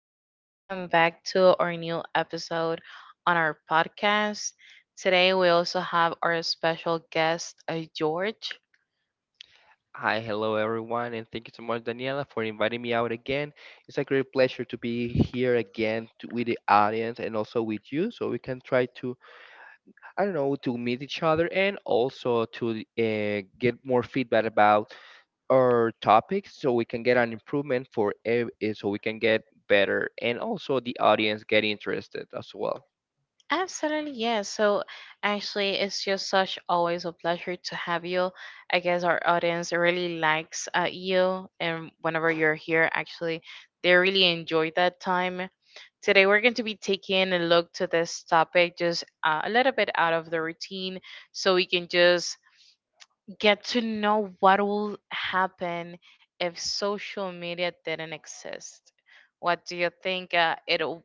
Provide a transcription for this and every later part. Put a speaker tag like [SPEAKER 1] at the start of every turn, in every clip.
[SPEAKER 1] and welcome back to our new episode on our podcast. Today, we also have our special guest, George.
[SPEAKER 2] Hi, hello everyone, and thank you so much, Daniela, for inviting me out again. It's a great pleasure to be here again to, with the audience and also with you, so we can try to, I don't know, to meet each other and also to get more feedback about our topics, so we can get an improvement for, so we can get better, and also the audience get interested as well.
[SPEAKER 1] Absolutely, yes. So actually, it's just such always a pleasure to have you. I guess our audience really likes you, and whenever you're here, actually, they really enjoy that time. Today, we're going to be taking a look to this topic just a little bit out of the routine so we can just get to know what will happen if social media didn't exist. What do you think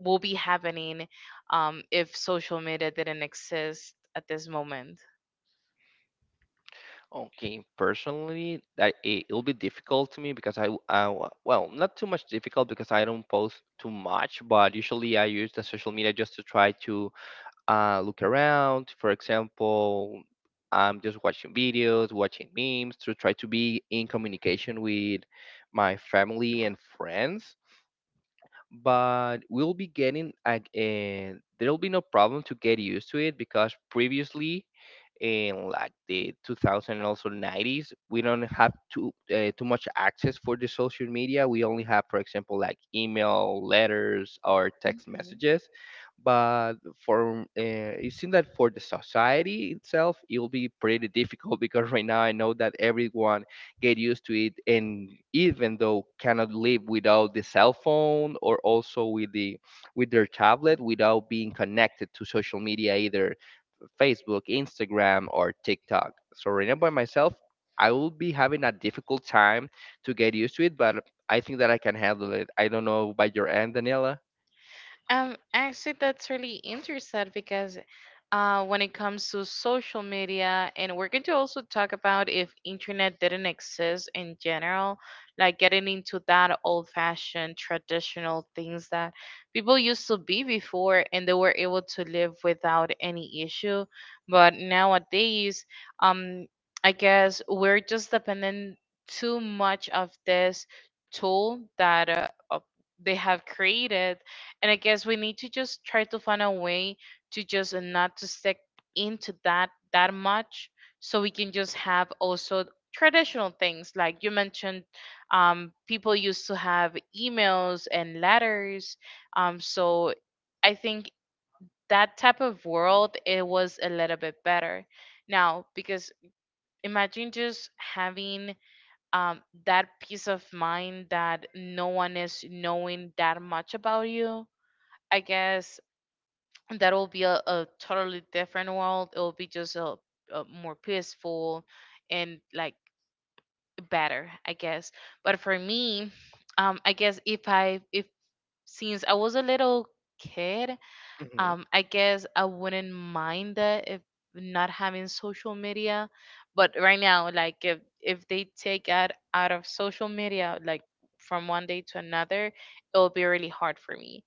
[SPEAKER 1] will be happening if social media didn't exist at this moment?
[SPEAKER 2] Okay, personally, it'll be difficult to me because well, not too much difficult because I don't post too much, but usually I use the social media just to try to look around. For example, I'm just watching videos, watching memes to try to be in communication with my family and friends, but we'll be and there'll be no problem to get used to it because previously in like the 2000 and also nineties we don't have too much access for the social media. We only have, for example, like email, letters, or text messages, but for it seems that for the society itself it'll be pretty difficult because right now I know that everyone get used to it and even though cannot live without the cell phone or also with their tablet, without being connected to social media, either Facebook, Instagram, or TikTok. So right now, by myself, I will be having a difficult time to get used to it, but I think that I can handle it. I don't know, by your end, Daniela?
[SPEAKER 1] Actually, that's really interesting because when it comes to social media, and we're going to also talk about if internet didn't exist in general, like getting into that old-fashioned traditional things that people used to be before, and they were able to live without any issue. But nowadays, um, I guess we're just dependent too much of this tool that they have created, and I guess we need to just try to find a way to just not to stick into that much, so we can just have also traditional things like you mentioned. People used to have emails and letters. So I think that type of world it was a little bit better now because imagine just having that peace of mind that no one is knowing that much about you. I guess that will be a totally different world. It will be just a more peaceful and like better, I guess. But for me, I guess if since I was a little kid,
[SPEAKER 2] Hmm.
[SPEAKER 1] I guess I wouldn't mind that if not having social media, but right now, like if they take out of social media, like from one day to another, it'll be really hard for me.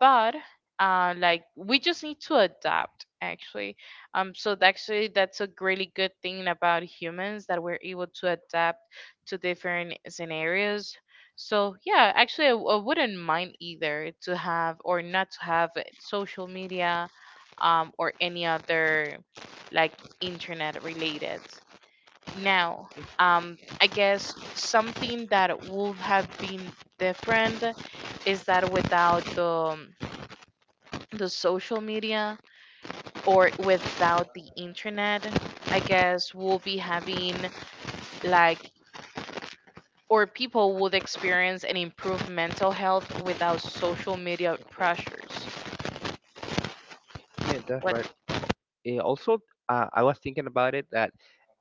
[SPEAKER 1] But like we just need to adapt actually. So actually that's a really good thing about humans that we're able to adapt to different scenarios. So yeah, actually, I wouldn't mind either to have or not to have social media, or any other like internet related. Now, I guess something that would have been different is that without the social media or without the internet, I guess we'll be having like, or people would experience and improve mental health without social media pressures.
[SPEAKER 2] Yeah, that's
[SPEAKER 1] What?
[SPEAKER 2] right. Also, I was thinking about it that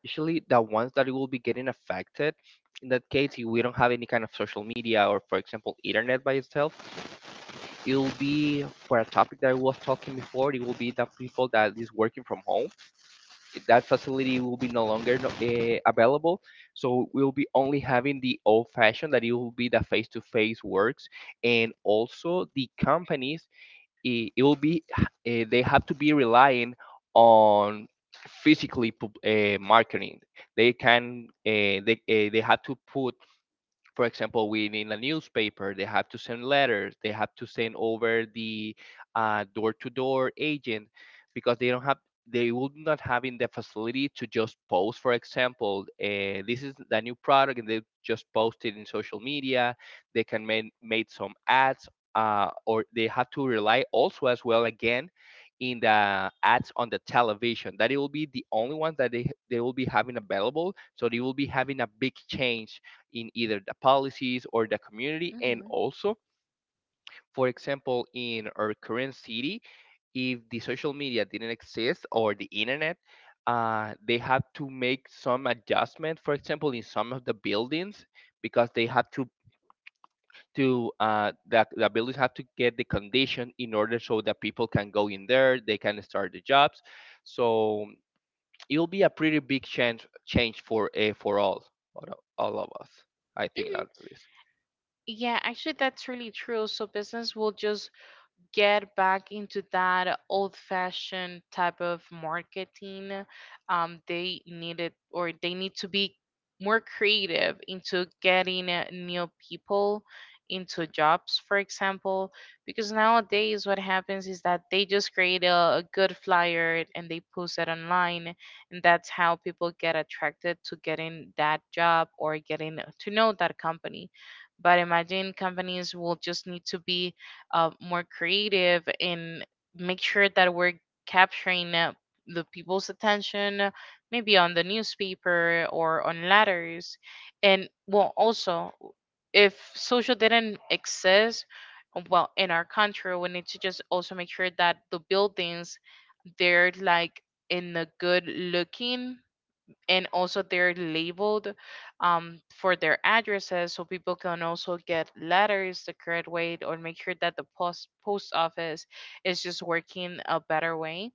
[SPEAKER 2] usually the ones that will be getting affected in that case, if we don't have any kind of social media or, for example, internet by itself, it will be for a topic that I was talking before. It will be the people that is working from home. That facility will be no longer available, so we'll be only having the old-fashioned, that it will be the face-to-face works, and also the companies, it will be they have to be relying on marketing. They can they have to put, for example, within in a newspaper. They have to send letters, they have to send over the door-to-door agent, because they would not have in the facility to just post, for example, this is the new product, and they just post it in social media. They can make some ads, or they have to rely also as well again in the ads on the television, that it will be the only ones that they will be having available. So they will be having a big change in either the policies or the community, and
[SPEAKER 1] Hmm.
[SPEAKER 2] also, for example, in our current city, if the social media didn't exist or the internet, they have to make some adjustment, for example in some of the buildings, because the buildings have to get the condition in order, so that people can go in there, they can start the jobs. So it'll be a pretty big change for all of us, I think,
[SPEAKER 1] Mhm.
[SPEAKER 2] at least.
[SPEAKER 1] Yeah, actually, that's really true. So business will just get back into that old fashioned type of marketing. They needed, or they need to be more creative into getting new people into jobs, for example, because nowadays what happens is that they just create a good flyer and they post it online, and that's how people get attracted to getting that job or getting to know that company. But imagine companies will just need to be more creative and make sure that we're capturing the people's attention, maybe on the newspaper or on letters. And well, also, if social didn't exist, well, in our country, we need to just also make sure that the buildings, they're like in a good looking, and also they're labeled for their addresses, so people can also get letters the correct way, or make sure that the post office is just working a better way.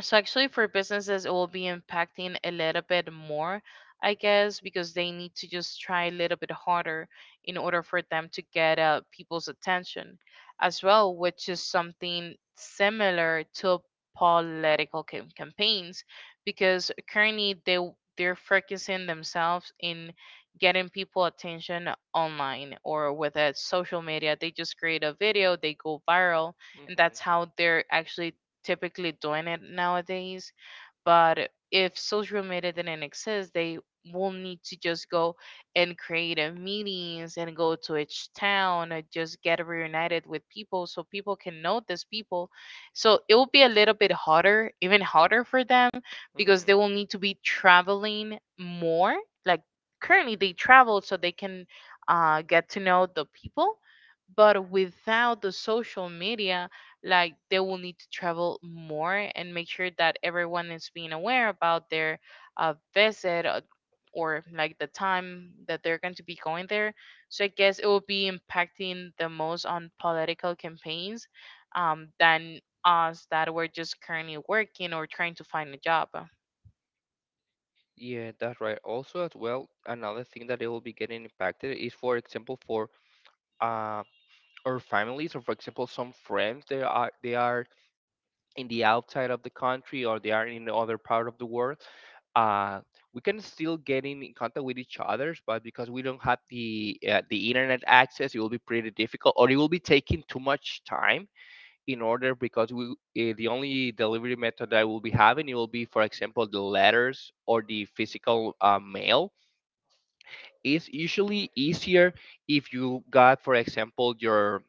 [SPEAKER 1] So actually for businesses it will be impacting a little bit more, I guess, because they need to just try a little bit harder in order for them to get people's attention as well, which is something similar to campaigns, because currently they're focusing themselves in getting people attention online or with a social media. They just create a video, they go viral, and
[SPEAKER 2] Hmm
[SPEAKER 1] that's how they're actually typically doing it nowadays. But if social media didn't exist, they will need to just go and create a meetings and go to each town and just get reunited with people so people can know these people. So it will be a little bit harder, even harder for them, because they
[SPEAKER 2] hmm.
[SPEAKER 1] will need to be traveling more. Like currently they travel so they can get to know the people. But without the social media, like they will need to travel more and make sure that everyone is being aware about their visit or like the time that they're going to be going there. So I guess it will be impacting the most on political campaigns, than us that we're just currently working or trying to find a job.
[SPEAKER 2] Yeah, that's right. Also, as well, another thing that it will be getting impacted is, for example, for uh, our families, or for example, some friends, they are in the outside of the country, or they are in the other part of the world. Uh, we can still get in contact with each others, but because we don't have the internet access, it will be pretty difficult, or it will be taking too much time in order, because the only delivery method I will be having, it will be, for example, the letters or the physical mail. It's usually easier if you got, for example, your,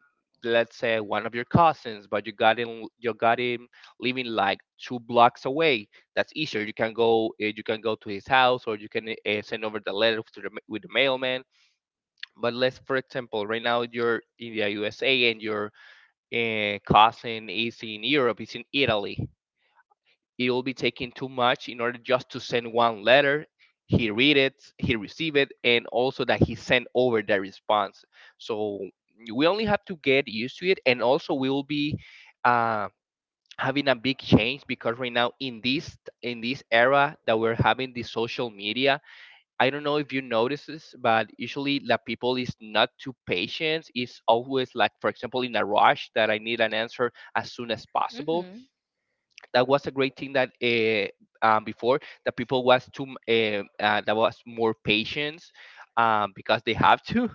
[SPEAKER 2] let's say, one of your cousins, but you got him living like two blocks away. That's easier, you can go, you can go to his house, or you can send over the letter to the, with the mailman. But let's, for example, right now you're in the USA, and you're cousin is in Europe, is in Italy. It will be taking too much in order just to send one letter. He read it, he receive it, and also that he sent over the response. So we only have to get used to it, and also we will be uh, having a big change, because right now in this era that we're having the social media, I don't know if you notice this, but usually la people is not too patient. It's always like, for example, in a rush, that I need an answer as soon as possible.
[SPEAKER 1] Hmm.
[SPEAKER 2] That was a great thing that before, the people was too that was more patience, because they have to.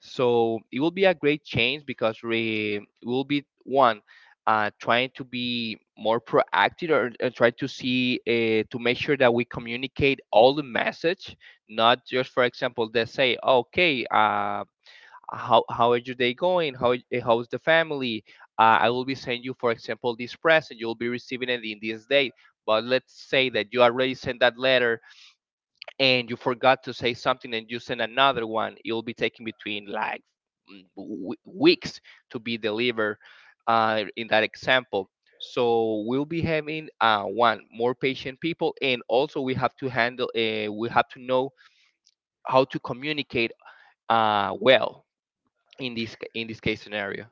[SPEAKER 2] So it will be a great change, because we will be one, trying to be more proactive, or try to see to make sure that we communicate all the message, not just, for example, they say, okay, how is your day going, how's the family? I will be sending you, for example, this present, you'll be receiving it in this date. But let's say that you already sent that letter, and you forgot to say something, and you send another one, it will be taking between like weeks to be delivered in that example. So we'll be having one more patient people, and also we have to handle, we have to know how to communicate well in this case scenario.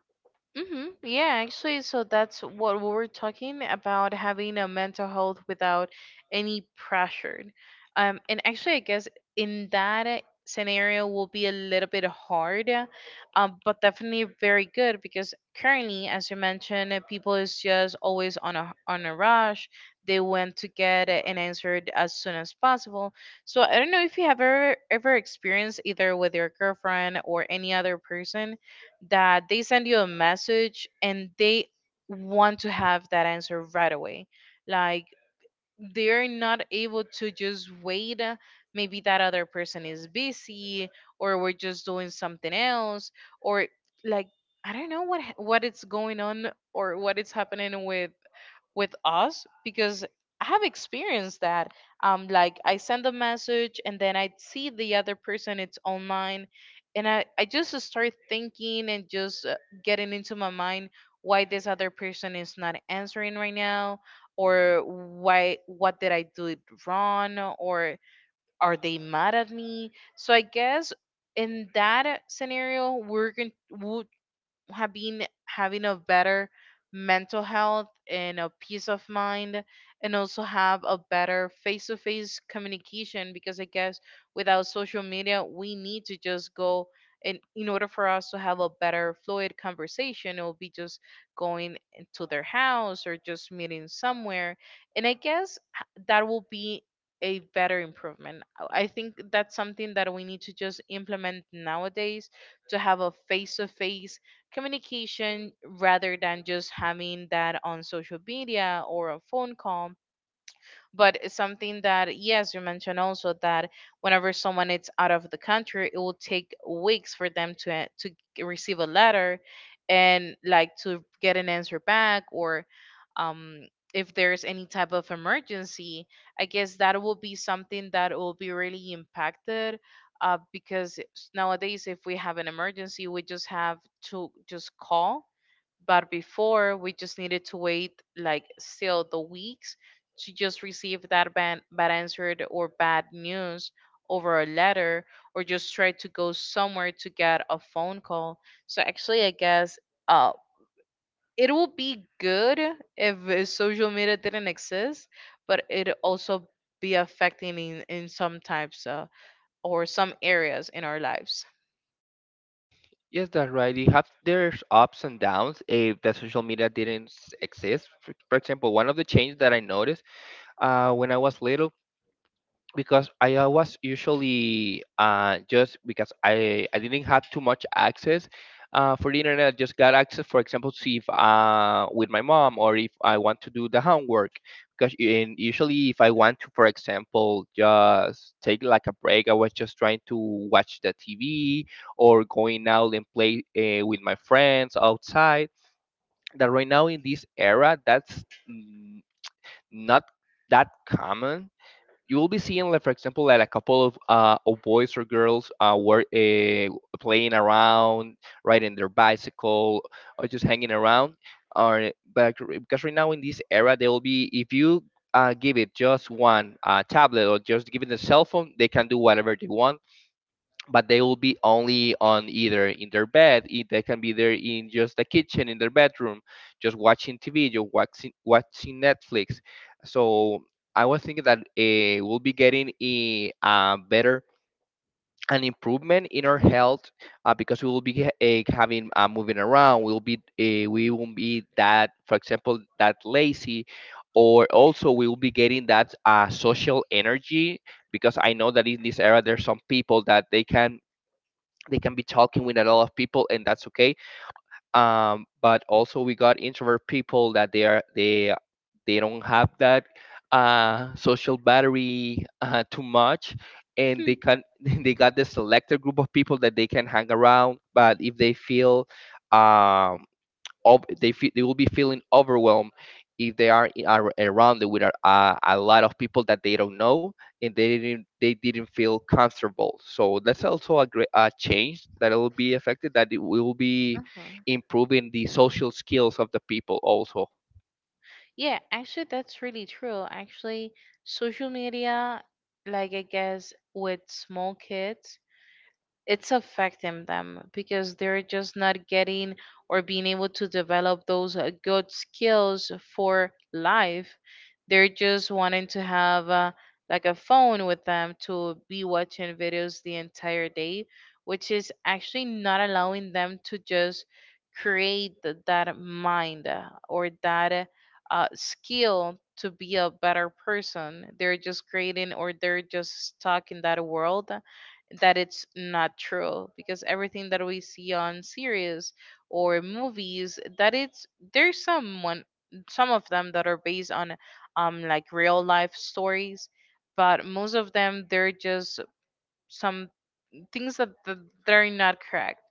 [SPEAKER 1] Mm-hmm. Yeah, actually, so that's what we were talking about, having a mental health without any pressure. And actually, I guess in that scenario will be a little bit hard, but definitely very good because currently, as you mentioned, people is just always on a rush. They want to get an answer as soon as possible. So I don't know if you have ever experienced either with your girlfriend or any other person that they send you a message and they want to have that answer right away. Like they're not able to just wait. Maybe that other person is busy, or we're just doing something else, or like I don't know what it's going on or what it's happening with us, because I have experienced that. Like I send a message and then I see the other person, it's online, and I just start thinking and just getting into my mind why this other person is not answering right now, or why, what did I do it wrong, or are they mad at me? So I guess in that scenario we're going have been having a better mental health and a peace of mind, and also have a better face-to-face communication, because I guess without social media we need to just go, and in order for us to have a better fluid conversation it will be just going into their house or just meeting somewhere. And I guess that will be a better improvement. I think that's something that we need to just implement nowadays, to have a face to face communication rather than just having that on social media or a phone call. But it's something that, yes, you mentioned also that whenever someone is out of the country, it will take weeks for them to receive a letter, and like to get an answer back. Or um if there's any type of emergency, I guess that will be something that will be really impacted, because nowadays if we have an emergency we just have to just call. But before we just needed to wait like still the weeks to just receive that bad answer or bad news over a letter, or just try to go somewhere to get a phone call. So actually, I guess uh, it would be good if social media didn't exist, but it also be affecting in some types or some areas in our lives.
[SPEAKER 2] Yes, that's right. You have there's ups and downs if the social media didn't exist. For example, one of the changes that I noticed when I was little, because I was usually just because I didn't have too much access for the internet. I just got access, for example, to see if with my mom, or if I want to do the homework. Because in, usually, if I want to, for example, just take like a break, I was just trying to watch the TV, or going out and play with my friends outside. That right now, in this era, that's mm, not that common. You will be seeing like, for example, like a couple of boys or girls were playing around, riding their bicycle, or just hanging around, or, but because right now in this era, they will be, if you give it just one tablet, or just give it a cell phone, they can do whatever they want, but they will be only on either in their bed, they can be there in just the kitchen, in their bedroom, just watching TV, just watching Netflix. So I was thinking that we'll be getting, eh, a better an improvement in our health, because we will be having moving around, we'll be we won't be that, for example, that lazy, or also we will be getting that social energy, because I know that in this era there's some people that they can be talking with a lot of people, and that's okay. But also we got introvert people that they are they don't have that social battery too much, and
[SPEAKER 1] Hmm.
[SPEAKER 2] they can they got this selected group of people that they can hang around. But if they feel um, they feel, they will be feeling overwhelmed if they are, are around with a, a lot of people that they don't know, and they didn't feel comfortable. So that's also a great a change that it will be affected, that it will be improving the social skills of the people also.
[SPEAKER 1] Yeah, actually, that's really true. Actually, social media, like I guess with small kids, it's affecting them because they're just not getting or being able to develop those good skills for life. They're just wanting to have like a phone with them to be watching videos the entire day, which is actually not allowing them to just create that mind or that skill to be a better person. They're just creating, or they're just stuck in that world that it's not true, because everything that we see on series or movies, that it's there's someone, some of them that are based on like real life stories, but most of them they're just some things that they're not correct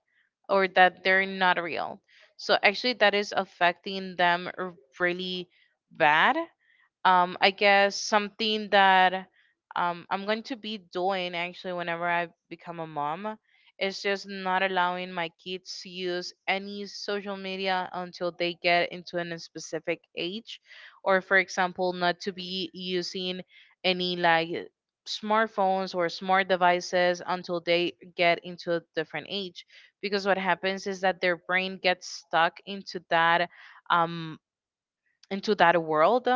[SPEAKER 1] or that they're not real. So actually that is affecting them really bad. I guess something that I'm going to be doing actually whenever I become a mom is just not allowing my kids to use any social media until they get into a specific age, or for example not to be using any like smartphones or smart devices until they get into a different age, because what happens is that their brain gets stuck into that, um into that world.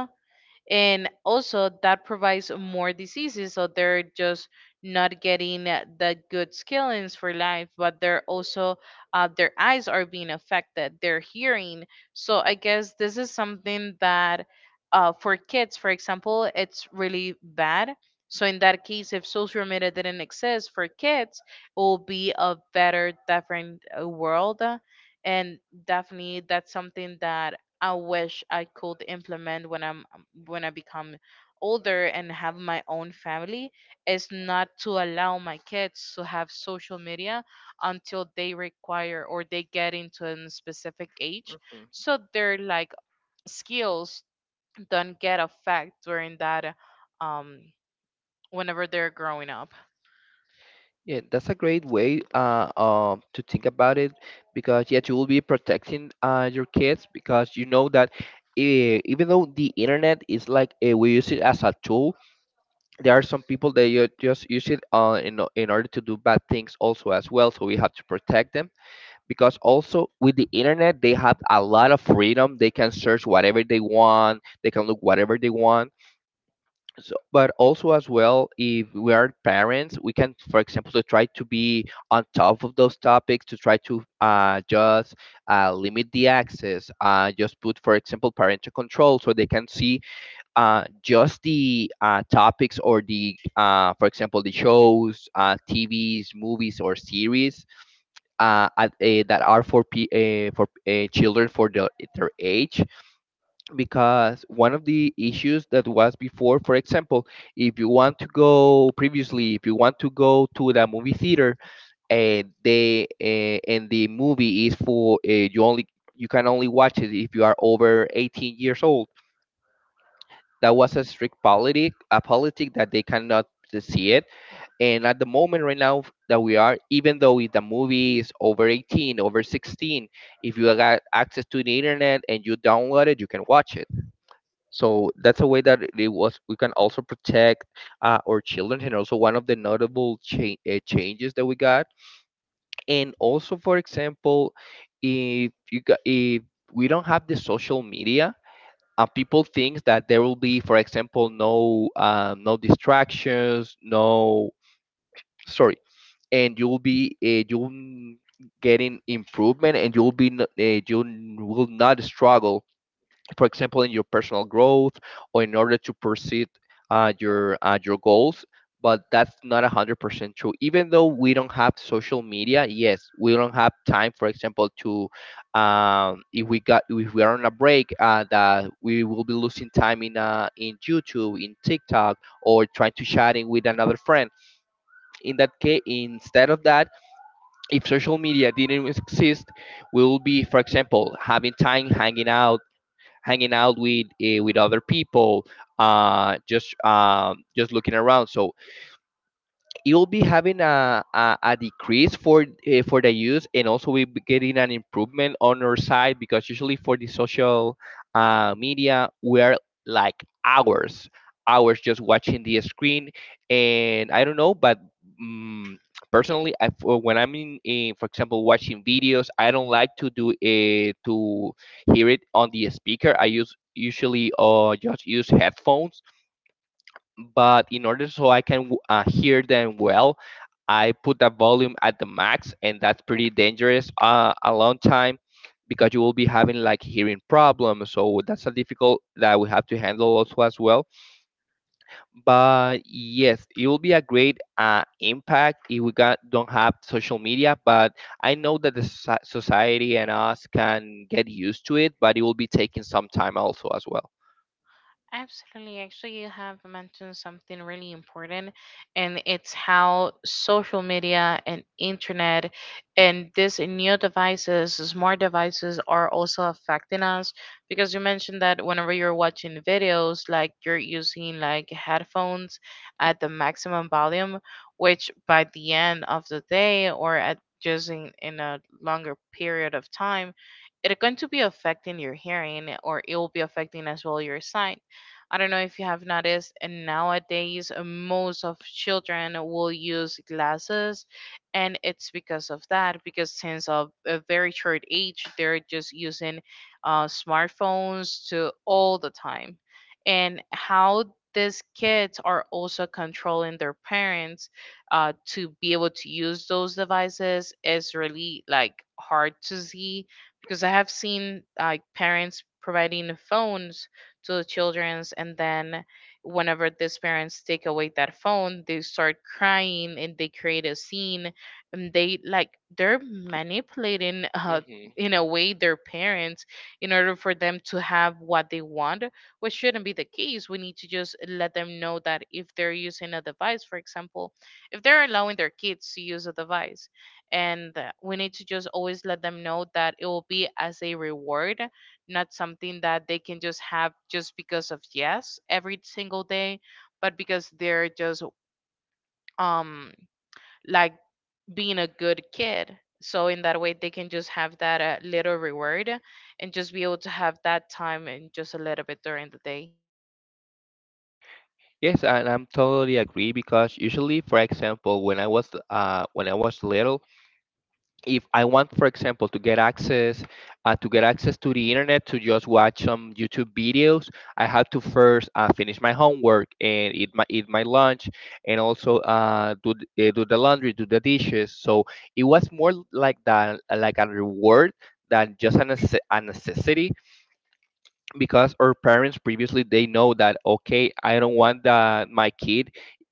[SPEAKER 1] And also that provides more diseases, so they're just not getting the good skillings for life, but they're also their eyes are being affected, their hearing. So I guess this is something that for kids for example, it's really bad. So in that case, if social media didn't exist for kids, it will be a better different world. And definitely that's something that I wish I could implement when I become older and have my own family, is not to allow my kids to have social media until they require, or they get into a specific age,
[SPEAKER 2] Mhm.
[SPEAKER 1] so their like skills don't get affected during that, um whenever they're growing up.
[SPEAKER 2] Yeah, that's a great way to think about it, because yes, you will be protecting your kids, because you know that even though the internet is like we use it as a tool. There are some people that you just use it in order to do bad things also as well, so we have to protect them, because also with the internet they have a lot of freedom. They can search whatever they want, they can look whatever they want. So, but also as well, if we are parents, we can for example to try to be on top of those topics, to try to just limit the access, just put for example parental control, so they can see just the topics, or the, for example, the shows, TVs, movies, or series, that are for children, for the, their age. Because one of the issues that was before, for example, if you want to go previously, if you want to go to the movie theater, and the movie is for you can only watch it if you are over 18 years old. That was a strict politic, a politic that they cannot see it. And at the moment right now that we are, even though if the movie is over 18, over 16, if you got access to the internet and you download it, you can watch it. So that's a way that it was. We can also protect our children, and also one of the notable changes that we got. And also, for example, if you got, if we don't have the social media, people think that there will be, for example, no no distractions, no, sorry, and you'll be you'll getting improvement, and you will not struggle, for example, in your personal growth, or in order to pursue your goals. But that's not 100% true. Even though we don't have social media, yes, we don't have time, for example, to if we are on a break, that we will be losing time in in YouTube, in TikTok, or trying to chatting with another friend. In that case, instead of that, if social media didn't exist, we will be, for example, having time hanging out with with other people, just looking around. So you'll be having a decrease for for the use, and also we'll be getting an improvement on our side, because usually for the social media we're like hours just watching the screen. And I don't know, but mm personally, when I'm in for example watching videos, I don't like to do it to hear it on the speaker. I use usually just use headphones, but in order so I can hear them well, I put the volume at the max, and that's pretty dangerous a long time, because you will be having like hearing problems. So that's a difficult that we have to handle also as well. But yes, it will be a great impact if we got, don't have social media. But I know that the society and us can get used to it, but it will be taking some time also as well.
[SPEAKER 1] Absolutely. Actually, you have mentioned something really important, and it's how social media and internet and these new devices, smart devices, are also affecting us. Because you mentioned that whenever you're watching videos, like you're using like headphones at the maximum volume, which by the end of the day or at just in a longer period of time, it's going to be affecting your hearing, or it will be affecting as well your sight. I don't know if you have noticed, and nowadays most of children will use glasses, and it's because of that. Because since of a very short age, they're just using smartphones to all the time. And how these kids are also controlling their parents to be able to use those devices is really like hard to see, because I have seen like parents providing phones to the children's, and then whenever these parents take away that phone, they start crying and they create a scene, and they like they're manipulating
[SPEAKER 2] Hmm.
[SPEAKER 1] in a way their parents, in order for them to have what they want, which shouldn't be the case. We need to just let them know that if they're using a device, for example, if they're allowing their kids to use a device, and we need to just always let them know that it will be as a reward, not something that they can just have just because of yes every single day, but because they're just um like being a good kid, so in that way they can just have that little reward, and just be able to have that time and just a little bit during the day.
[SPEAKER 2] Yes, and I'm totally agree, because usually, for example, when I was little, if I want, for example, to get access to the internet to just watch some YouTube videos, I have to first finish my homework and eat my lunch, and also do the laundry, do the dishes. So it was more like that, like a reward than just a necessity, because our parents previously they know that, okay, I don't want that my kid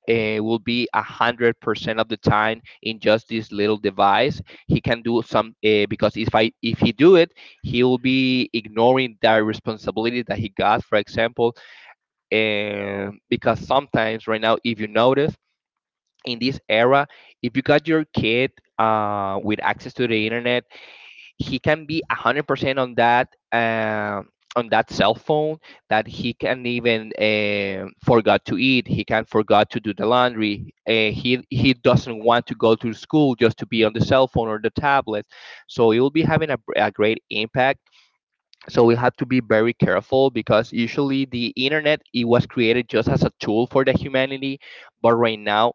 [SPEAKER 2] will be 100% of the time in just this little device. He can do some because if he do it, he will be ignoring that responsibility that he got, for example. And because sometimes right now, if you notice, in this era, if you got your kid with access to the internet, he can be 100% on that on that cell phone, that he can even forgot to eat. He can forgot to do the laundry, he doesn't want to go to school, just to be on the cell phone or the tablet. So it will be having a great impact, so we have to be very careful, because usually the internet it was created just as a tool for the humanity. But right now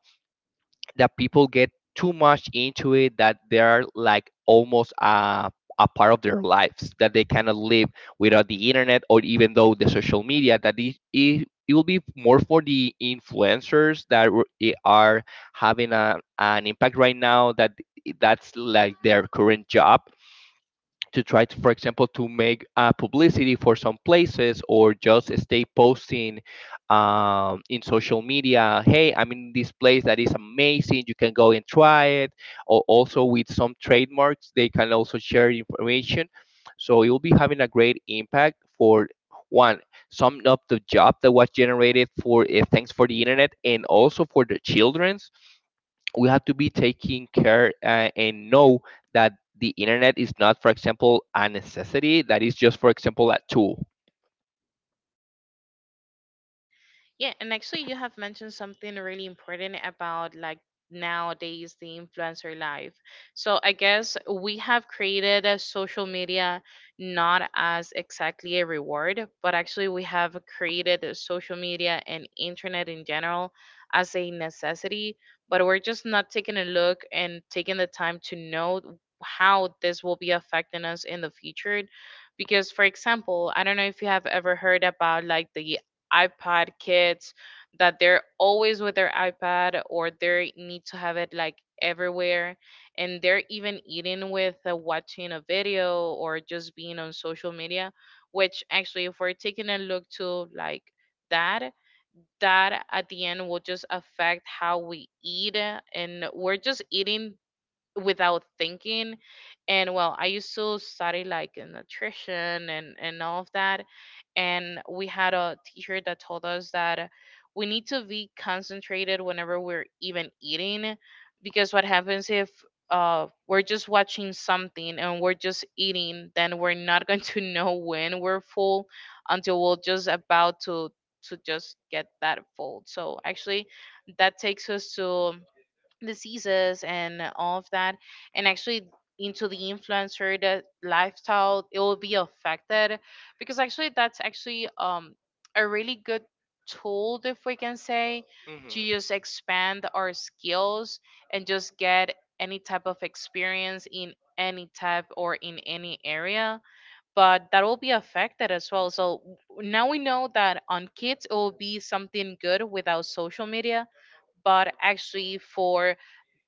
[SPEAKER 2] that people get too much into it, that they're like almost a part of their lives, that they cannot live without the internet. Or even though the social media, that it will be more for the influencers, that are having an impact right now, that that's like their current job, to try to, for example, to make publicity for some places, or just stay posting in social media. Hey, I'm in this place that is amazing. You can go and try it. Or also with some trademarks, they can also share information. So you'll be having a great impact for one, some of the job that was generated for thanks for the internet, and also for the children's, we have to be taking care and know that the internet is not, for example, a necessity, that is just, for example, a tool.
[SPEAKER 1] Yeah, and actually, you have mentioned something really important about like nowadays the influencer life. So I guess we have created a social media not as exactly a reward, but actually we have created a social media and internet in general as a necessity, but we're just not taking a look and taking the time to know how this will be affecting us in the future. Because for example, I don't know if you have ever heard about like the iPad kids, that they're always with their iPad, or they need to have it like everywhere, and they're even eating with watching a video or just being on social media. Which actually if we're taking a look to like that, that at the end will just affect how we eat, and we're just eating without thinking. And well, I used to study like in nutrition and all of that, and we had a teacher that told us that we need to be concentrated whenever we're even eating. Because what happens if we're just watching something and we're just eating, then we're not going to know when we're full, until we're just about to just get that full. So actually that takes us to diseases and all of that. And actually into the influencer the lifestyle, it will be affected, because actually that's actually a really good tool, if we can say,
[SPEAKER 2] Hmm.
[SPEAKER 1] to just expand our skills and just get any type of experience in any type or in any area. But that will be affected as well. So now we know that on kids it will be something good without social media, but actually for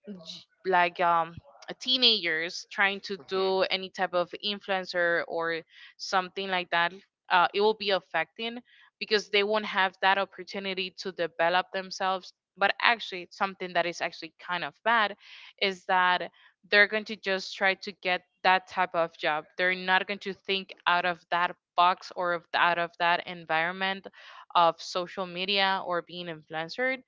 [SPEAKER 1] like teenagers trying to
[SPEAKER 2] Hmm.
[SPEAKER 1] do any type of influencer or something like that, it will be affecting, because they won't have that opportunity to develop themselves. But actually something that is actually kind of bad is that they're going to just try to get that type of job, they're not going to think out of that box, or of, out of that environment of social media or being influencer.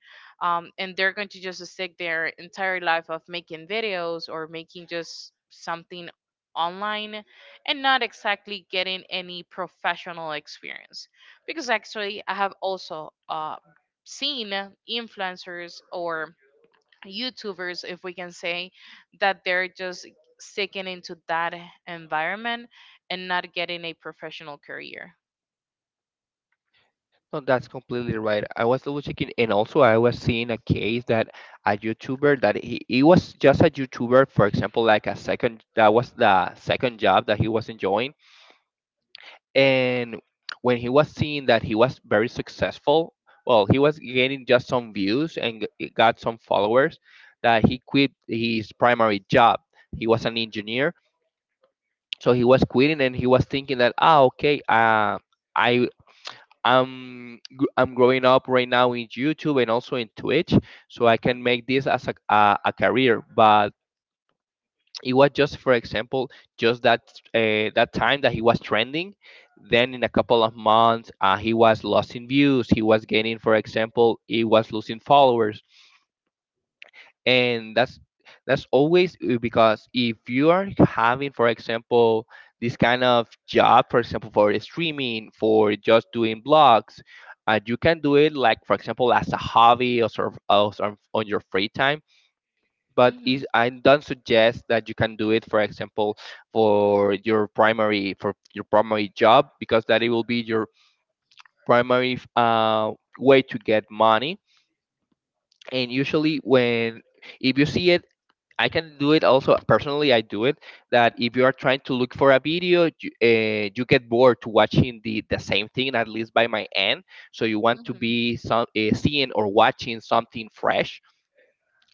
[SPEAKER 1] And they're going to just stick their entire life of making videos or making just something online, and not exactly getting any professional experience. Because actually I have also seen influencers or youtubers, if we can say, that they're just sticking into that environment and not getting a professional career.
[SPEAKER 2] No, that's completely right. I was double checking, and also I was seeing a case that a YouTuber, that he was just a YouTuber, for example, like a second, that was the second job that he was enjoying, and when he was seeing that he was very successful, well, he was gaining just some views and got some followers, that he quit his primary job. He was an engineer, so he was quitting, and he was thinking that, ah, okay, i I'm growing up right now in YouTube and also in Twitch, so I can make this as a career. But it was just, for example, just that time that he was trending. Then in a couple of months, he was losing views. He was gaining, for example, he was losing followers. And that's always because if you are having, for example, this kind of job, for example, for streaming, for just doing blogs, you can do it like, for example, as a hobby, or sort of, also on your free time. But
[SPEAKER 1] Hmm.
[SPEAKER 2] I don't suggest that you can do it, for example, for your primary job, because that it will be your primary way to get money. And usually, when if you see it, I can do it also personally. I do it, that if you are trying to look for a video, you get bored to watching the same thing, at least by my end. So you want to
[SPEAKER 1] Hmm.
[SPEAKER 2] be some seeing or watching something fresh,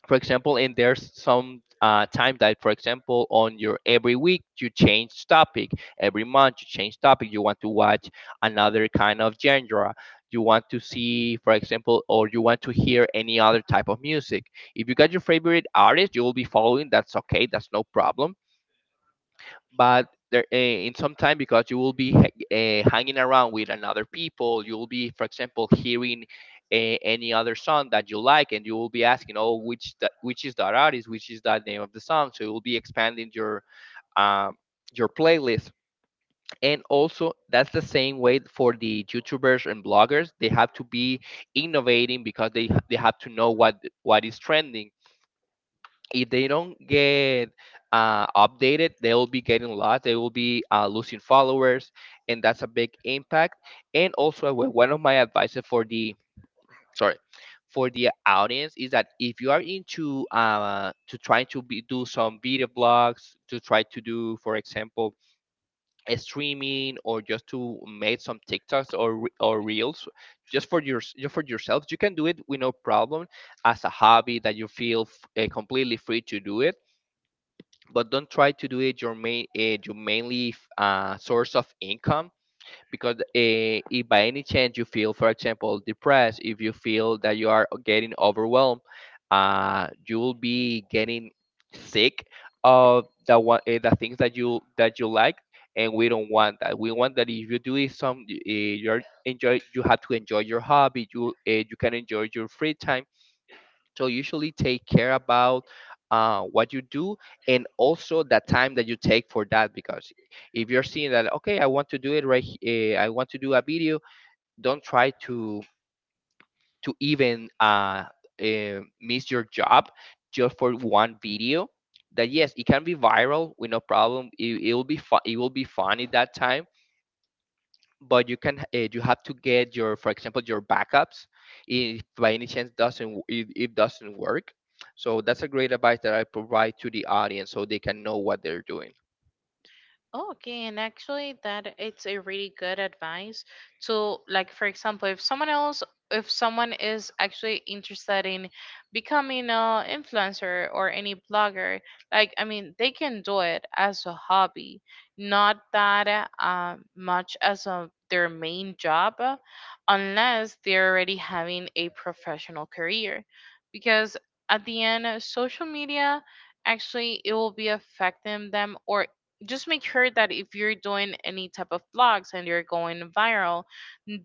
[SPEAKER 2] for example. And there's some time that, for example, on your every week you change topic. Every month you change topic, you want to watch another kind of genre. You want to see, for example, or you want to hear any other type of music. If you got your favorite artist you will be following, that's okay, that's no problem. But there in some time, because you will be hanging around with another people, you will be, for example, hearing any other song that you like, and you will be asking, oh, which is that artist, which is that name of the song. So you will be expanding um your playlist. And also that's the same way for the YouTubers and bloggers. They have to be innovating, because they have to know what is trending. If they don't get updated, they will be getting lost. They will be losing followers, and that's a big impact. And also, one of my advices for the, sorry, for the audience, is that if you are into to trying to do some video blogs, to try to do, for example, a streaming, or just to make some TikToks or reels, just for yourself, you can do it with no problem, as a hobby that you feel completely free to do it. But don't try to do it your main source of income, because if by any chance you feel, for example, depressed, if you feel that you are getting overwhelmed, you will be getting sick of the things that you like. And we don't want that. We want that if you do it some you're enjoy you have to enjoy your hobby. You can enjoy your free time, so usually take care about what you do, and also the time that you take for that. Because if you're seeing that, okay, I want to do a video. Don't try to even miss your job just for one video. That, yes, it can be viral with no problem. It will be fun. It will be fun at that time, but you can you have to get your, for example, your backups if by any chance doesn't it doesn't work. So that's a great advice that I provide to the audience so they can know what they're doing.
[SPEAKER 1] Oh, okay, and actually that it's a really good advice to like for example, if someone else, if someone is actually interested in becoming a influencer or any blogger, like I mean, they can do it as a hobby, not that much as a their main job, unless they're already having a professional career. Because at the end, social media actually it will be affecting them. Or just make sure that if you're doing any type of blogs and you're going viral,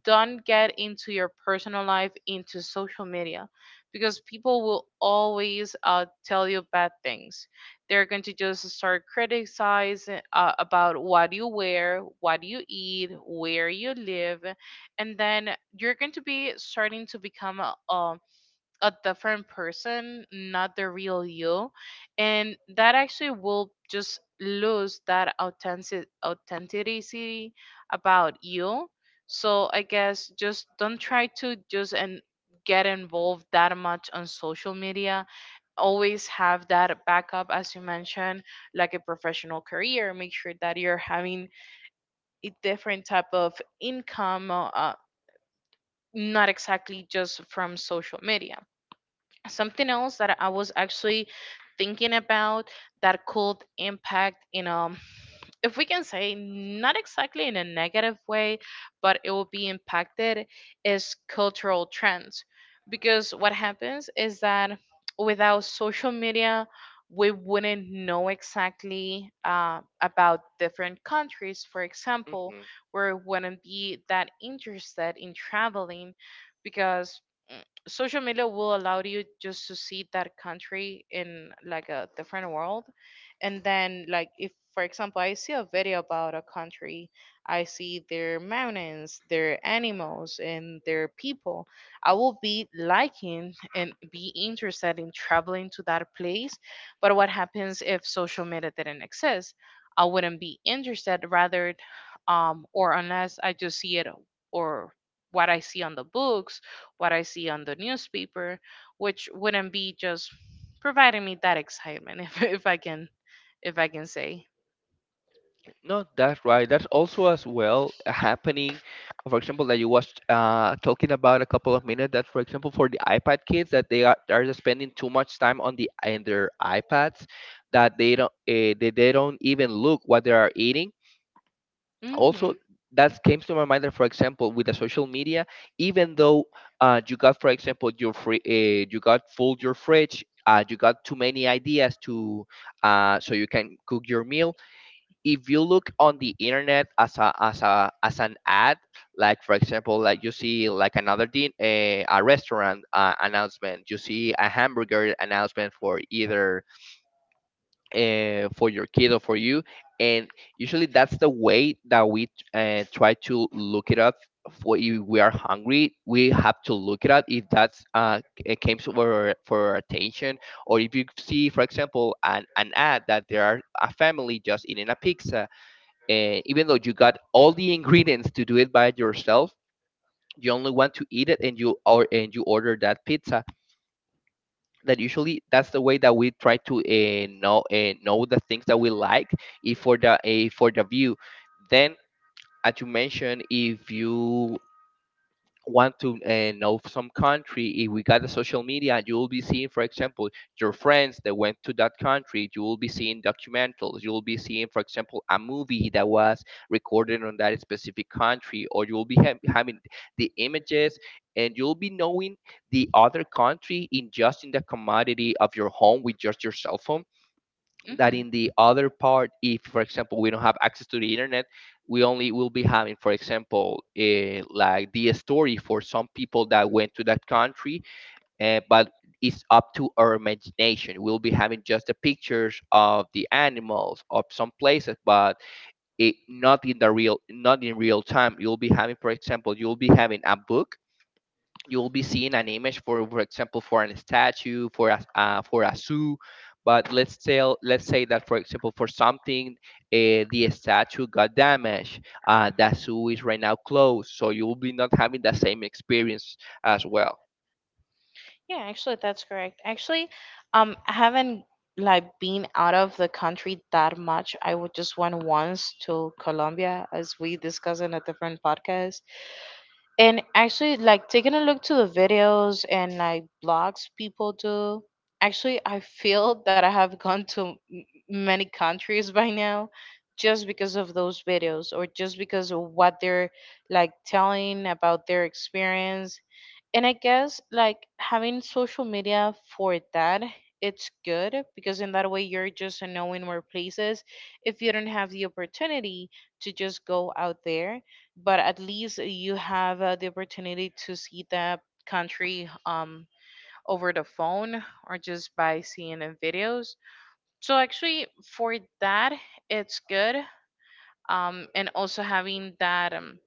[SPEAKER 1] don't get into your personal life into social media, because people will always tell you bad things. They're going to just start criticizing about what you wear, what you eat, where you live, and then you're going to be starting to become a different person, not the real you. And that actually will just lose that authentic authenticity about you. So I guess just don't try to just and get involved that much on social media. Always have that backup as you mentioned, like a professional career. Make sure that you're having a different type of income, not exactly just from social media. Something else that I was actually thinking about that could impact, you know, if we can say not exactly in a negative way, but it will be impacted, is cultural trends. Because what happens is that without social media, we wouldn't know exactly about different countries, for example,
[SPEAKER 2] Hmm.
[SPEAKER 1] where we wouldn't be that interested in traveling. Because mm, social media will allow you just to see that country in like a different world. And then like if for example I see a video about a country, I see their mountains, their animals and their people, I will be liking and be interested in traveling to that place. But what happens if social media didn't exist, I wouldn't be interested rather, or unless I just see it, or what I see on the books, what I see on the newspaper, which wouldn't be just providing me that excitement if I can, if I can say.
[SPEAKER 2] No, that's right, that's also as well happening. For example, that you was talking about a couple of minutes that, for example, for the iPad kids, that they are spending too much time on the in their iPads, that they don't they don't even look what they are eating.
[SPEAKER 1] Mhm.
[SPEAKER 2] Also, that came to my mind, that for example with the social media, even though you got, for example, your free you got full your fridge, you got too many ideas to so you can cook your meal. If you look on the internet as a as an ad, like for example, like you see like another a restaurant announcement, you see a hamburger announcement for either for your kid or for you. And usually that's the way that we try to look it up. For if we are hungry, we have to look it up if that's uh, it came to our, for our attention. Or if you see, for example, an ad that there are a family just eating a pizza, even though you got all the ingredients to do it by yourself, you only want to eat it and you, or and you order that pizza. That usually that's the way that we try to know the things that we like. If for the for the view, then as you mentioned, if you want to know some country, if we got the social media, you will be seeing, for example, your friends that went to that country. You will be seeing documentals. You will be seeing, for example, a movie that was recorded on that specific country, or you will be having the images, and you'll be knowing the other country in just in the commodity of your home with just your cell phone. That
[SPEAKER 1] Mhm.
[SPEAKER 2] in the other part, if, for example, we don't have access to the internet, we only will be having, for example, eh, like the story for some people that went to that country. Eh, but it's up to our imagination. We'll be having just the pictures of the animals of some places, but it not in the real, not in real time. You'll be having, for example, you'll be having a book. You will be seeing an image for example, for a statue, for a zoo. But let's say, let's say that for example, for something the statue got damaged, that zoo is right now closed, so you will be not having the same experience as well.
[SPEAKER 1] Yeah, actually, that's correct. Actually, I haven't like been out of the country that much. I would just went once to Colombia, as we discussed in a different podcast. And actually, like taking a look to the videos and like blogs people do, actually, I feel that I have gone to many countries by now, just because of those videos or just because of what they're like telling about their experience. And I guess like having social media for that, it's good, because in that way you're just knowing more places. If you don't have the opportunity to just go out there, but at least you have the opportunity to see that country over the phone, or just by seeing in videos. So actually for that, it's good. And also having that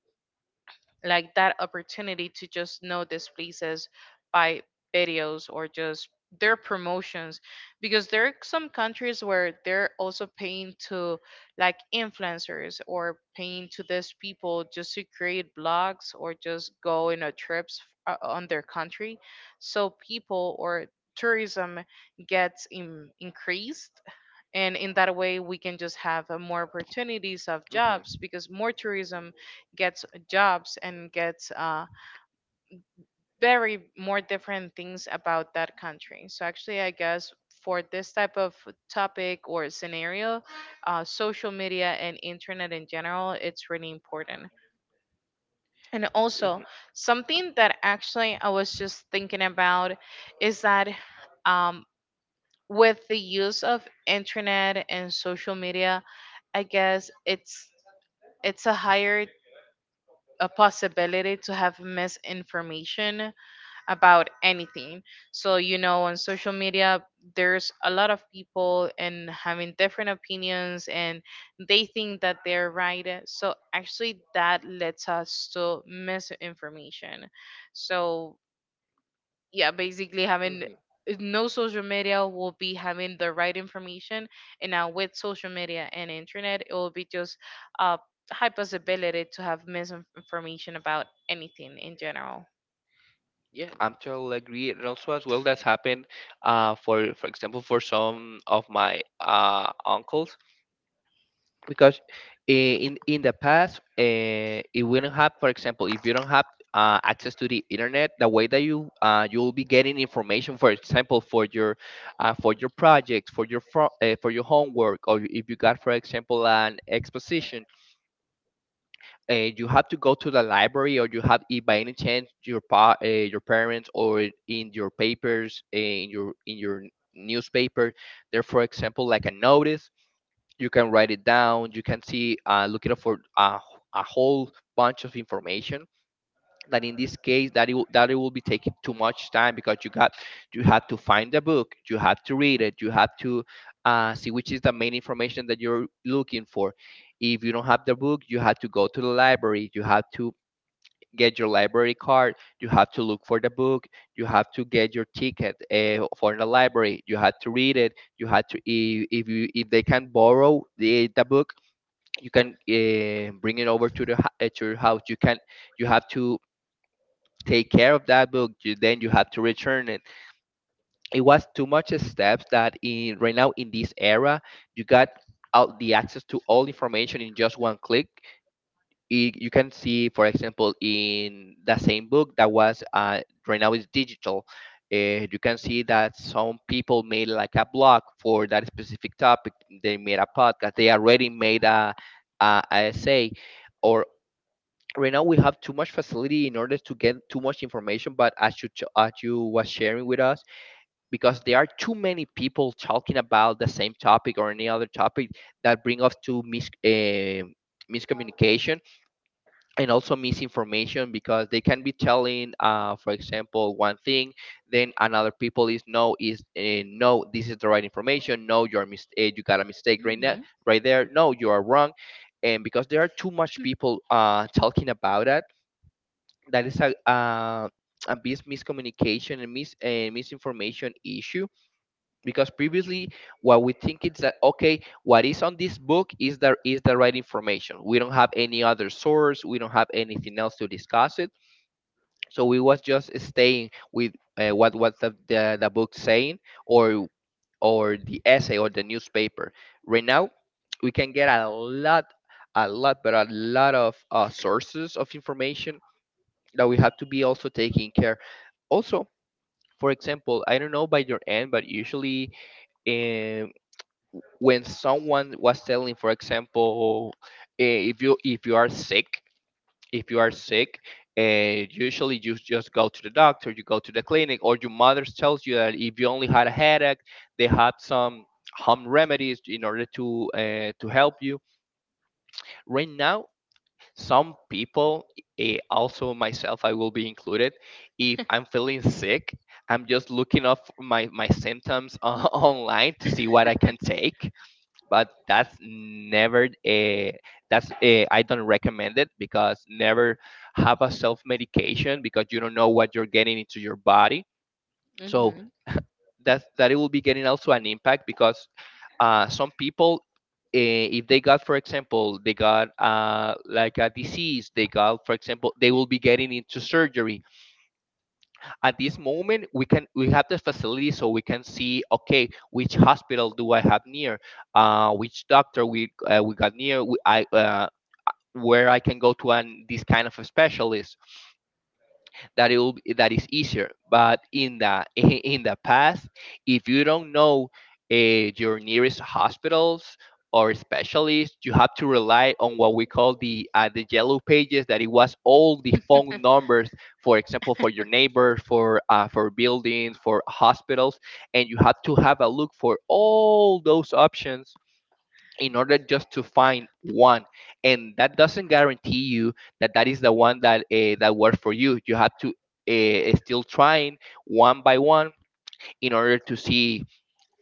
[SPEAKER 1] like that opportunity to just know these places by videos, or just their promotions, because there are some countries where they're also paying to like influencers, or paying to these people just to create blogs or just go in a trips on their country, so people or tourism gets increased. And in that way we can just have more opportunities of jobs,
[SPEAKER 2] Hmm.
[SPEAKER 1] because more tourism gets jobs and gets very more different things about that country. So actually, I guess for this type of topic or scenario, social media and internet in general, it's really important. And also, something that actually I was just thinking about is that um, with the use of internet and social media, I guess it's a higher a possibility to have misinformation about anything. So, you know, on social media, there's a lot of people and having different opinions, and they think that they're right. So, actually, that leads us to misinformation. So, yeah, basically, having
[SPEAKER 2] Hmm.
[SPEAKER 1] no social media will be having the right information. And now, with social media and internet, it will be just a high possibility to have misinformation about anything in general.
[SPEAKER 2] Yeah, I'm totally agree. And also as well, that's happened for example, for some of my uncles. Because i- in the past, it do not have. For example, if you don't have access to the internet, the way that you you'll be getting information, for example, for your projects, for your for your homework, or if you got, for example, an exposition, you have to go to the library, or you have if by any chance your your parents, or in your papers, in your newspaper, there, for example, like a notice, you can write it down, you can see looking up for a whole bunch of information. That in this case, that it will be taking too much time because you got, you have to find the book, you have to read it, you have to see which is the main information that you're looking for. If you don't have the book, you have to go to the library, you have to get your library card, you have to look for the book, you have to get your ticket for the library, you have to read it, you have to if you if they can borrow the book, you can bring it over to to your house. You can, you have to take care of that book, you, then you have to return it. It was too much steps, that in right now in this era, you got all the access to all information in just one click. I- you can see, for example, in the same book that was right now is digital, you can see that some people made like a blog for that specific topic, they made a podcast, they already made a, a essay. Or right now we have too much facility in order to get too much information, but as you as you was sharing with us, because there are too many people talking about the same topic or any other topic, that bring us to miscommunication and also misinformation, because they can be telling, for example, one thing, then another people is no, is no, this is the right information, no, you're mis- eh, you got a mistake right now
[SPEAKER 1] Mhm.
[SPEAKER 2] right there, no, you are wrong. And because there are too much people talking about it, that is a miscommunication and misinformation issue. Because previously what we think is that okay, what is on this book is the right information, we don't have any other source, we don't have anything else to discuss it. So we was just staying with what the book saying, or or the essay or the newspaper. Right now we can get a lot, a lot, but a lot of sources of information that we have to be also taking care. Also, for example, I don't know by your end, but usually um, when someone was telling, for example, eh, if you are sick, if you are sick, usually you just go to the doctor, you go to the clinic, or your mother tells you that if you only had a headache, they have some home remedies in order to help you. Right now, some people eh, also myself, I will be included, if I'm feeling sick, I'm just looking up my symptoms online to see what I can take. But that's never a, that's a, I don't recommend it, because never have a self medication, because you don't know what you're getting into your body. So
[SPEAKER 1] Mhm.
[SPEAKER 2] that, that it will be getting also an impact, because some people, eh, if they got, for example, they got like a disease, they got, for example, they will be getting into surgery. At this moment, we can, we have the facility, so we can see okay, which hospital do I have near, which doctor we got near we, I where I can go to an this kind of a specialist, that it will be, that is easier. But in the in the past, if you don't know your nearest hospitals or specialists, you have to rely on what we call the yellow pages. That it was all the phone numbers, for example, for your neighbors, for buildings, for hospitals, and you have to have a look for all those options in order just to find one, and that doesn't guarantee you that that is the one that that works for you. You have to still trying one by one in order to see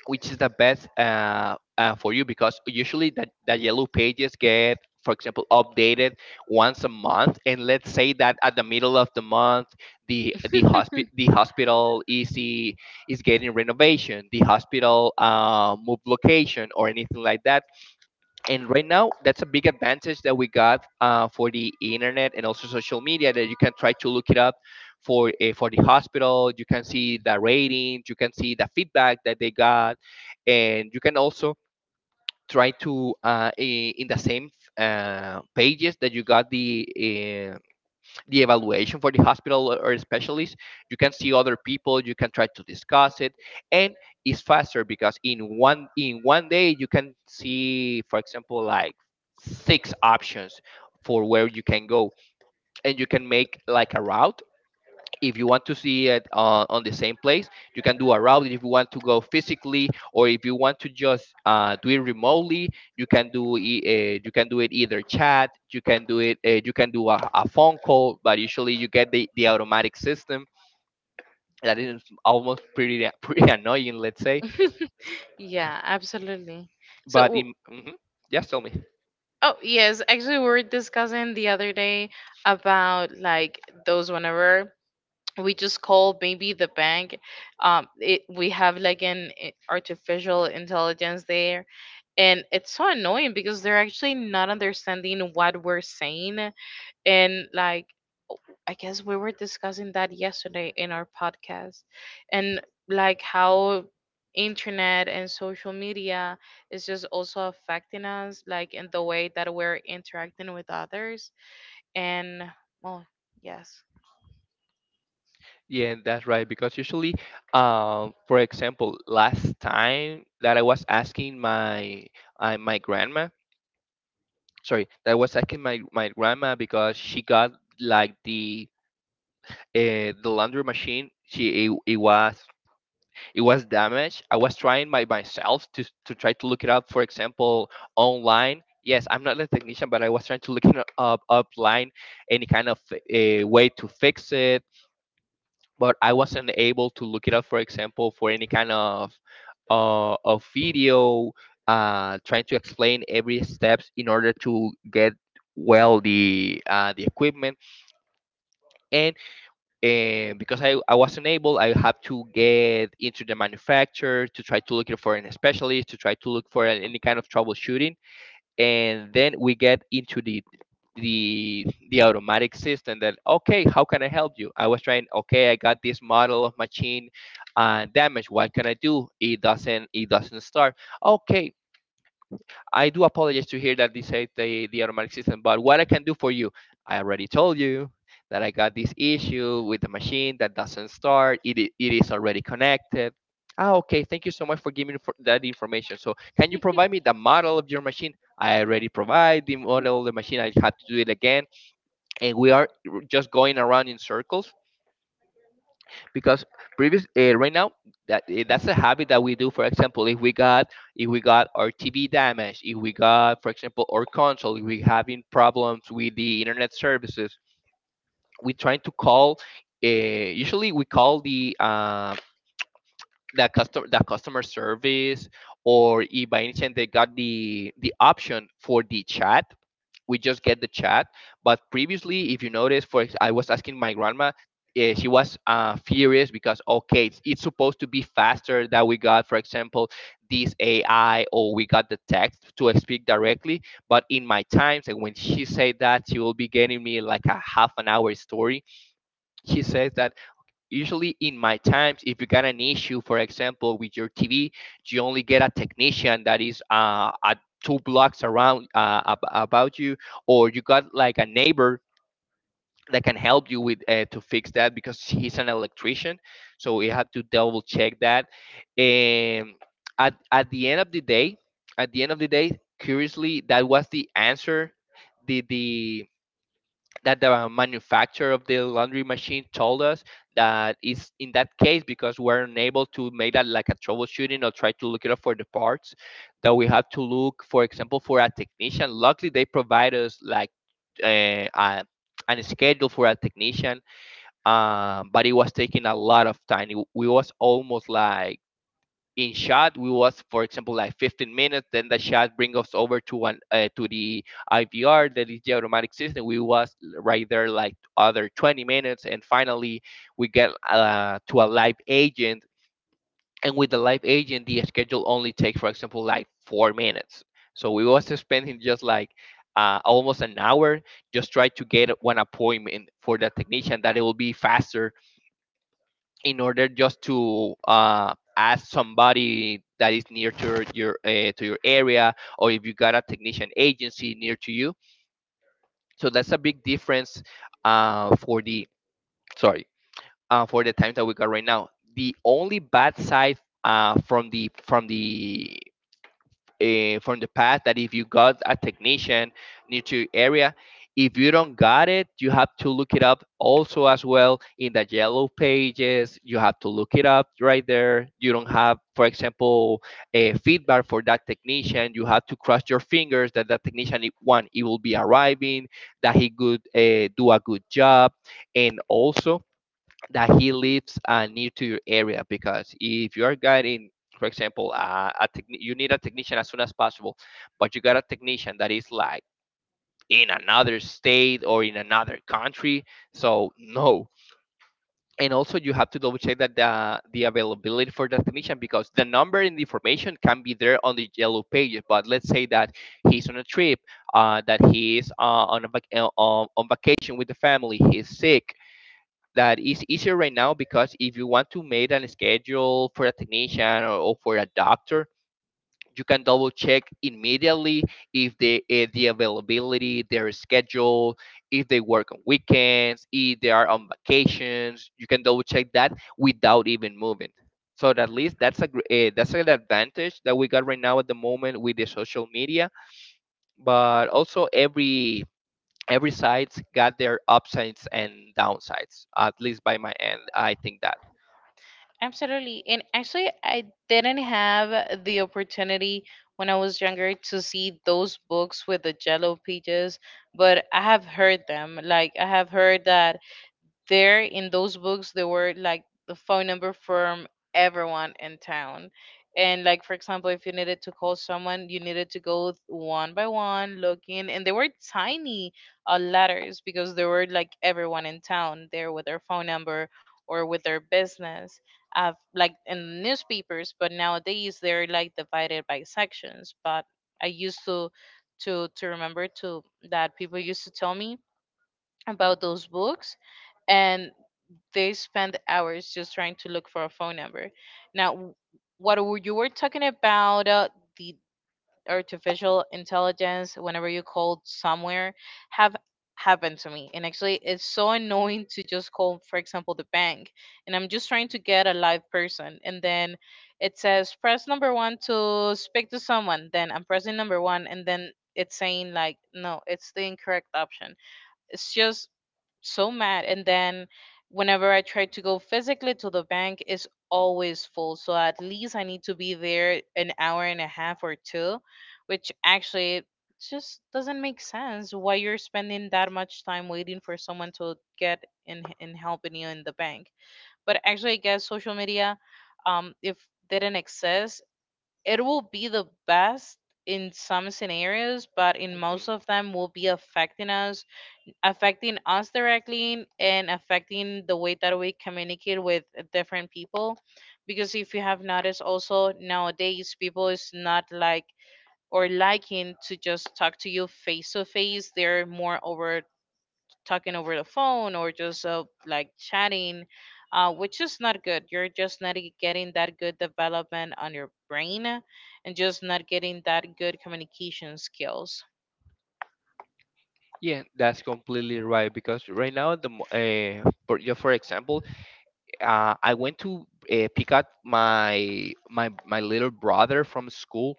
[SPEAKER 2] which is the best for you, because usually that, that yellow pages get, for example, updated once a month, and let's say that at the middle of the month, the hospital, is is getting renovation, the hospital moved location or anything like that. And right now that's a big advantage that we got for the internet and also social media, that you can try to look it up for the hospital, you can see the ratings, you can see the feedback that they got. And you can also try to in the same pages that you got the eh, the evaluation for the hospital or specialist, you can see other people, you can try to discuss it. And it's faster, because in one, in one day you can see, for example, like six options for where you can go. And you can make like a route, if you want to see it on the same place, you can do a route. If you want to go physically, or if you want to just do it remotely, you can do you can do it either chat. You can do it you can do a phone call, but usually you get the automatic system that is almost pretty pretty annoying, let's say.
[SPEAKER 1] Yeah, absolutely. So,
[SPEAKER 2] But
[SPEAKER 1] w-
[SPEAKER 2] in mhm. Yes, tell me.
[SPEAKER 1] oh, yes, actually, we were discussing the other day about those whenever we just call maybe the bank, it we have like an artificial intelligence there, and it's so annoying because they're actually not understanding what we're saying, and like I guess we were discussing that yesterday in our podcast and like how internet and social media is just also affecting us like in the way that we're interacting with others and well yes
[SPEAKER 2] Yeah, that's right, because usually for example, last time that I was asking my my grandma, sorry, that was asking my grandma, because she got like the laundry machine, she it was it was damaged. I was trying by myself to try to look it up, for example, online. Yes, I'm not a technician, but I was trying to look it up online, any kind of way to fix it, but I wasn't able to look it up. For example, for any kind of video, trying to explain every steps in order to get, well, the equipment, and because I wasn't able, I have to get into the manufacturer to try to look it for an specialist to try to look for any kind of troubleshooting. And then we get into the automatic system that, okay, how can I help you? I was trying, okay, I got this model of machine, damage, what can I do? It doesn't, it doesn't start. Okay, I do apologize to hear that, they said, the automatic system, but what I can do for you? I already told you that I got this issue with the machine that doesn't start. It, it is already connected. Ah, okay. Thank you so much for giving me for that information. So, can you provide me the model of your machine? I already provide the model of the machine. I have to do it again, and we are just going around in circles, because previous right now, that's a habit that we do. For example, if we got, if we got our tv damaged, if we got, for example, our console, if we having problems with the internet services, we trying to call. Usually we call the customer service, or if by any chance they got the option for the chat, we just get the chat. But previously, if you notice, I was asking my grandma, she was furious because, okay, it's supposed to be faster that we got, for example, this AI, or we got the text to speak directly. But in my times, and when she said that, she will be getting me like a half an hour story. She says that usually in my times, if you got an issue, for example, with your tv, you only get a technician that is at two blocks around about you, or you got like a neighbor that can help you with to fix that, because he's an electrician, so you have to double check that. And at the end of the day, at the end of the day, curiously, that was the answer, the that the manufacturer of the laundry machine told us, that is in that case, because we're unable to make that like a troubleshooting or try to look it up for the parts, that we have to look, for example, for a technician. Luckily they provide us like uh, a, an schedule for a technician. But it was taking a lot of time. We was almost like in shot. We was, for example, like 15 minutes, then the shot bring us over to one to the ivr, that is the automatic system. We was right there like other 20 minutes, and finally we get to a live agent, and with the live agent the schedule only takes, for example, like 4 minutes. So we was spending just like almost an hour just try to get one appointment for the technician, that it will be faster, in order just to ask somebody that is near to your to your area, or if you got a technician agency near to you. So that's a big difference for the, sorry, for the times that we got right now. The only bad side uh, from the from the past, that if you got a technician near to your area, if you don't got it, you have to look it up also as well in the yellow pages. You have to look it up right there. You don't have, for example, a feedback for that technician. You have to cross your fingers that that technician, one, it will be arriving, that he could do a good job, and also that he lives near to your area, because if you are guiding, for example, you need a technician as soon as possible, but you got a technician that is like in another state or in another country, so no. And also you have to double check that the availability for the technician, because the number and the information can be there on the yellow pages, but let's say that he's on a trip, that he is on vacation with the family, he's sick. That is easier right now, because if you want to make a schedule for a technician, or for a doctor, you can double check immediately if they the availability, their schedule, if they work on weekends, if they are on vacations, you can double check that without even moving. So at least that's a that's an advantage that we got right now at the moment with the social media. But also every site's got their upsides and downsides, at least by my end. I think that.
[SPEAKER 1] absolutely. And actually I didn't have the opportunity when I was younger to see those books with the jello pages, but I have heard them, like I have heard that there in those books there were like the phone number from everyone in town. And like for example if you needed to call someone you needed to go one by one looking, and they were tiny letters because there were like everyone in town there with their phone number or with their business, like in newspapers, but nowadays they're like divided by sections. But I used to remember to that people used to tell me about those books, and they spend hours just trying to look for a phone number. Now, what you were talking about, the artificial intelligence whenever you called somewhere, have happened to me. And actually it's so annoying to just call for example the bank and I'm just trying to get a live person, and then it says press number one to speak to someone, then I'm pressing number one and then it's saying like no, it's the incorrect option. It's just so mad. And then whenever I try to go physically to the bank it's always full, so at least I need to be there an hour and a half or two, which actually just doesn't make sense why you're spending that much time waiting for someone to get in helping you in the bank. But actually I guess social media, if didn't exist, it will be the best in some scenarios, but in
[SPEAKER 2] Mhm.
[SPEAKER 1] most of them will be affecting us, affecting us directly and affecting the way that we communicate with different people. Because if you have noticed also nowadays people is not like or liking to just talk to you face to face, they're more over talking over the phone or just like chatting, which is not good. You're just not getting that good development on your brain and just not getting that good communication skills.
[SPEAKER 2] Yeah, that's completely right, because right now yeah, for example, I went to pick up my little brother from school,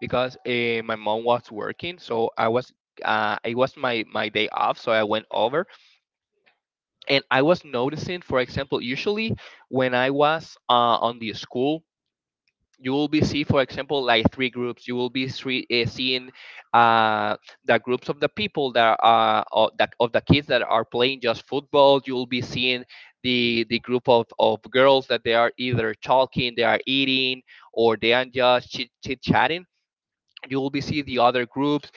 [SPEAKER 2] because my mom was working, so I was it was my day off, so I went over. And I was noticing, for example, usually when I was on the school, you will be see, for example, like three groups. You will be seeing uh, the groups of the people that are of the kids that are playing just football. You will be seeing the group of girls that they are either talking, they are eating, or they are just chit chatting. You will be see the other groups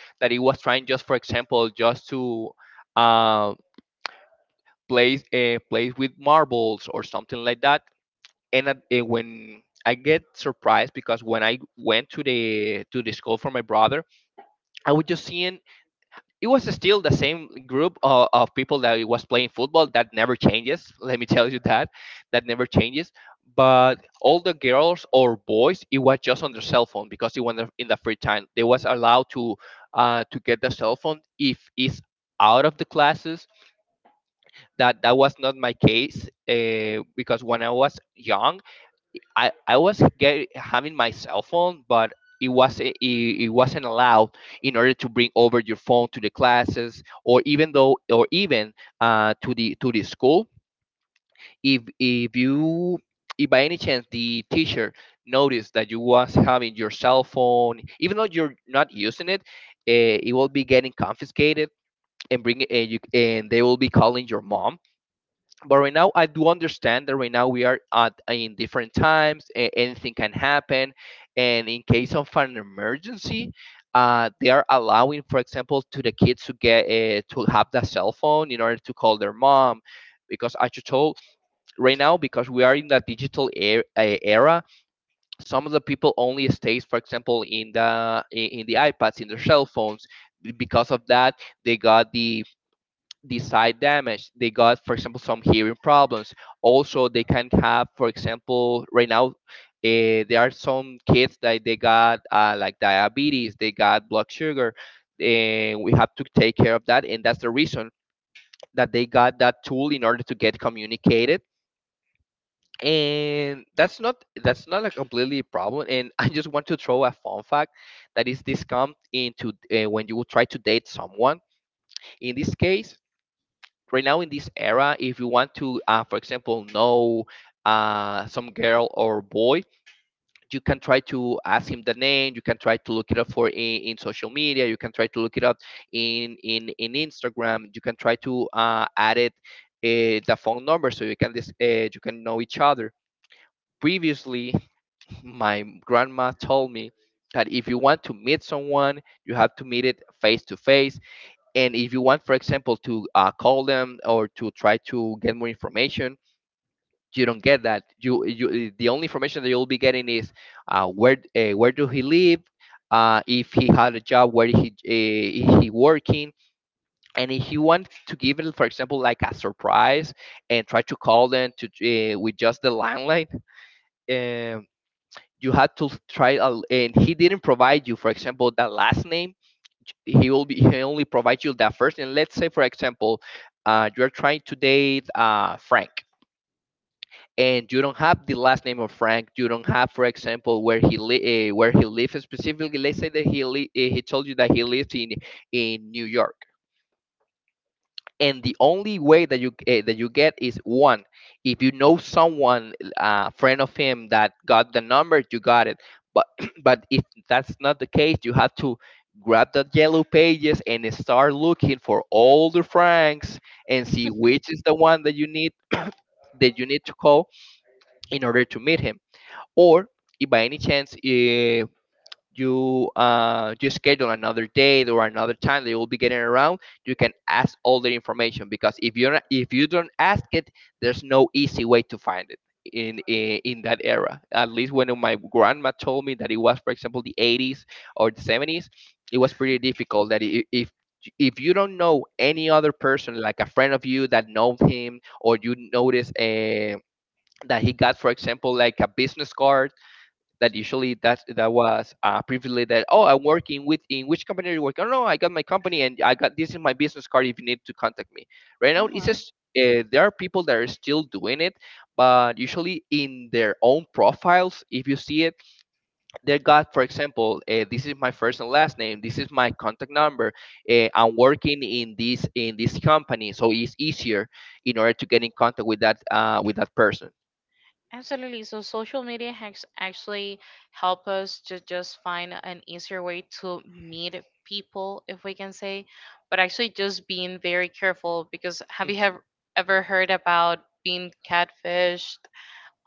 [SPEAKER 1] Absolutely. So social media hacks actually help us to just find an easier way to meet people, if we can say, but actually just being very careful because have you have ever heard about being catfished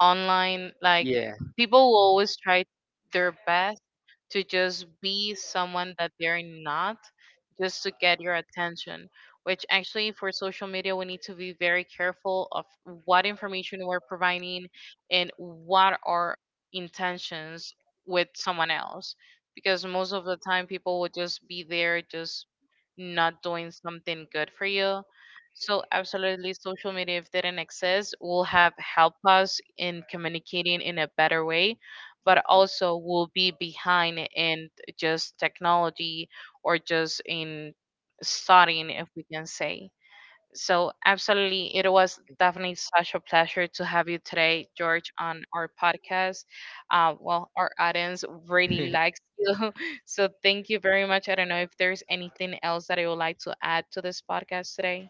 [SPEAKER 1] online? Like people will always try their best to just be someone that they're not, just to get your attention, which actually for social media we need to be very careful of what information we're providing and what our intentions with someone else, because most of the time people will just be there just not doing something good for you. So absolutely, social media, if they didn't exist, will have helped us in communicating in a better way, but also will be behind in just technology or just in studying, if we can say. So absolutely, it was definitely such a pleasure to have you today, George, on our podcast. Well, our audience really likes you, so thank you very much. I don't know if there's anything else that I would like to add to this podcast today.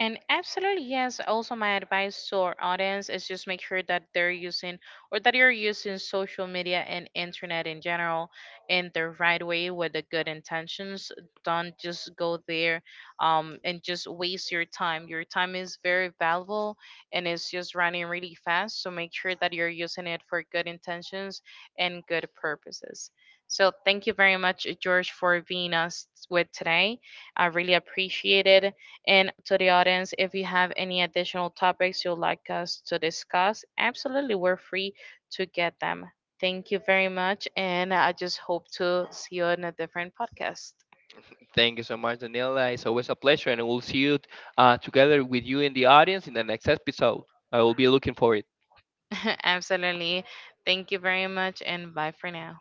[SPEAKER 1] And absolutely yes. Also, my advice to our audience is just make sure that they're using or that you're using social media and internet in general in the right way with the good intentions. Don't just go there and just waste your time. Your time is very valuable and it's just running really fast. So make sure that you're using it for good intentions and good purposes. So thank you very much, George, for being us with today. I really appreciate it, and to the audience, if you have any additional topics you'd like us to discuss, absolutely, we're free to get them. Thank you very much. And I just hope to see you on a different podcast. Absolutely. Thank you very much. And bye for now.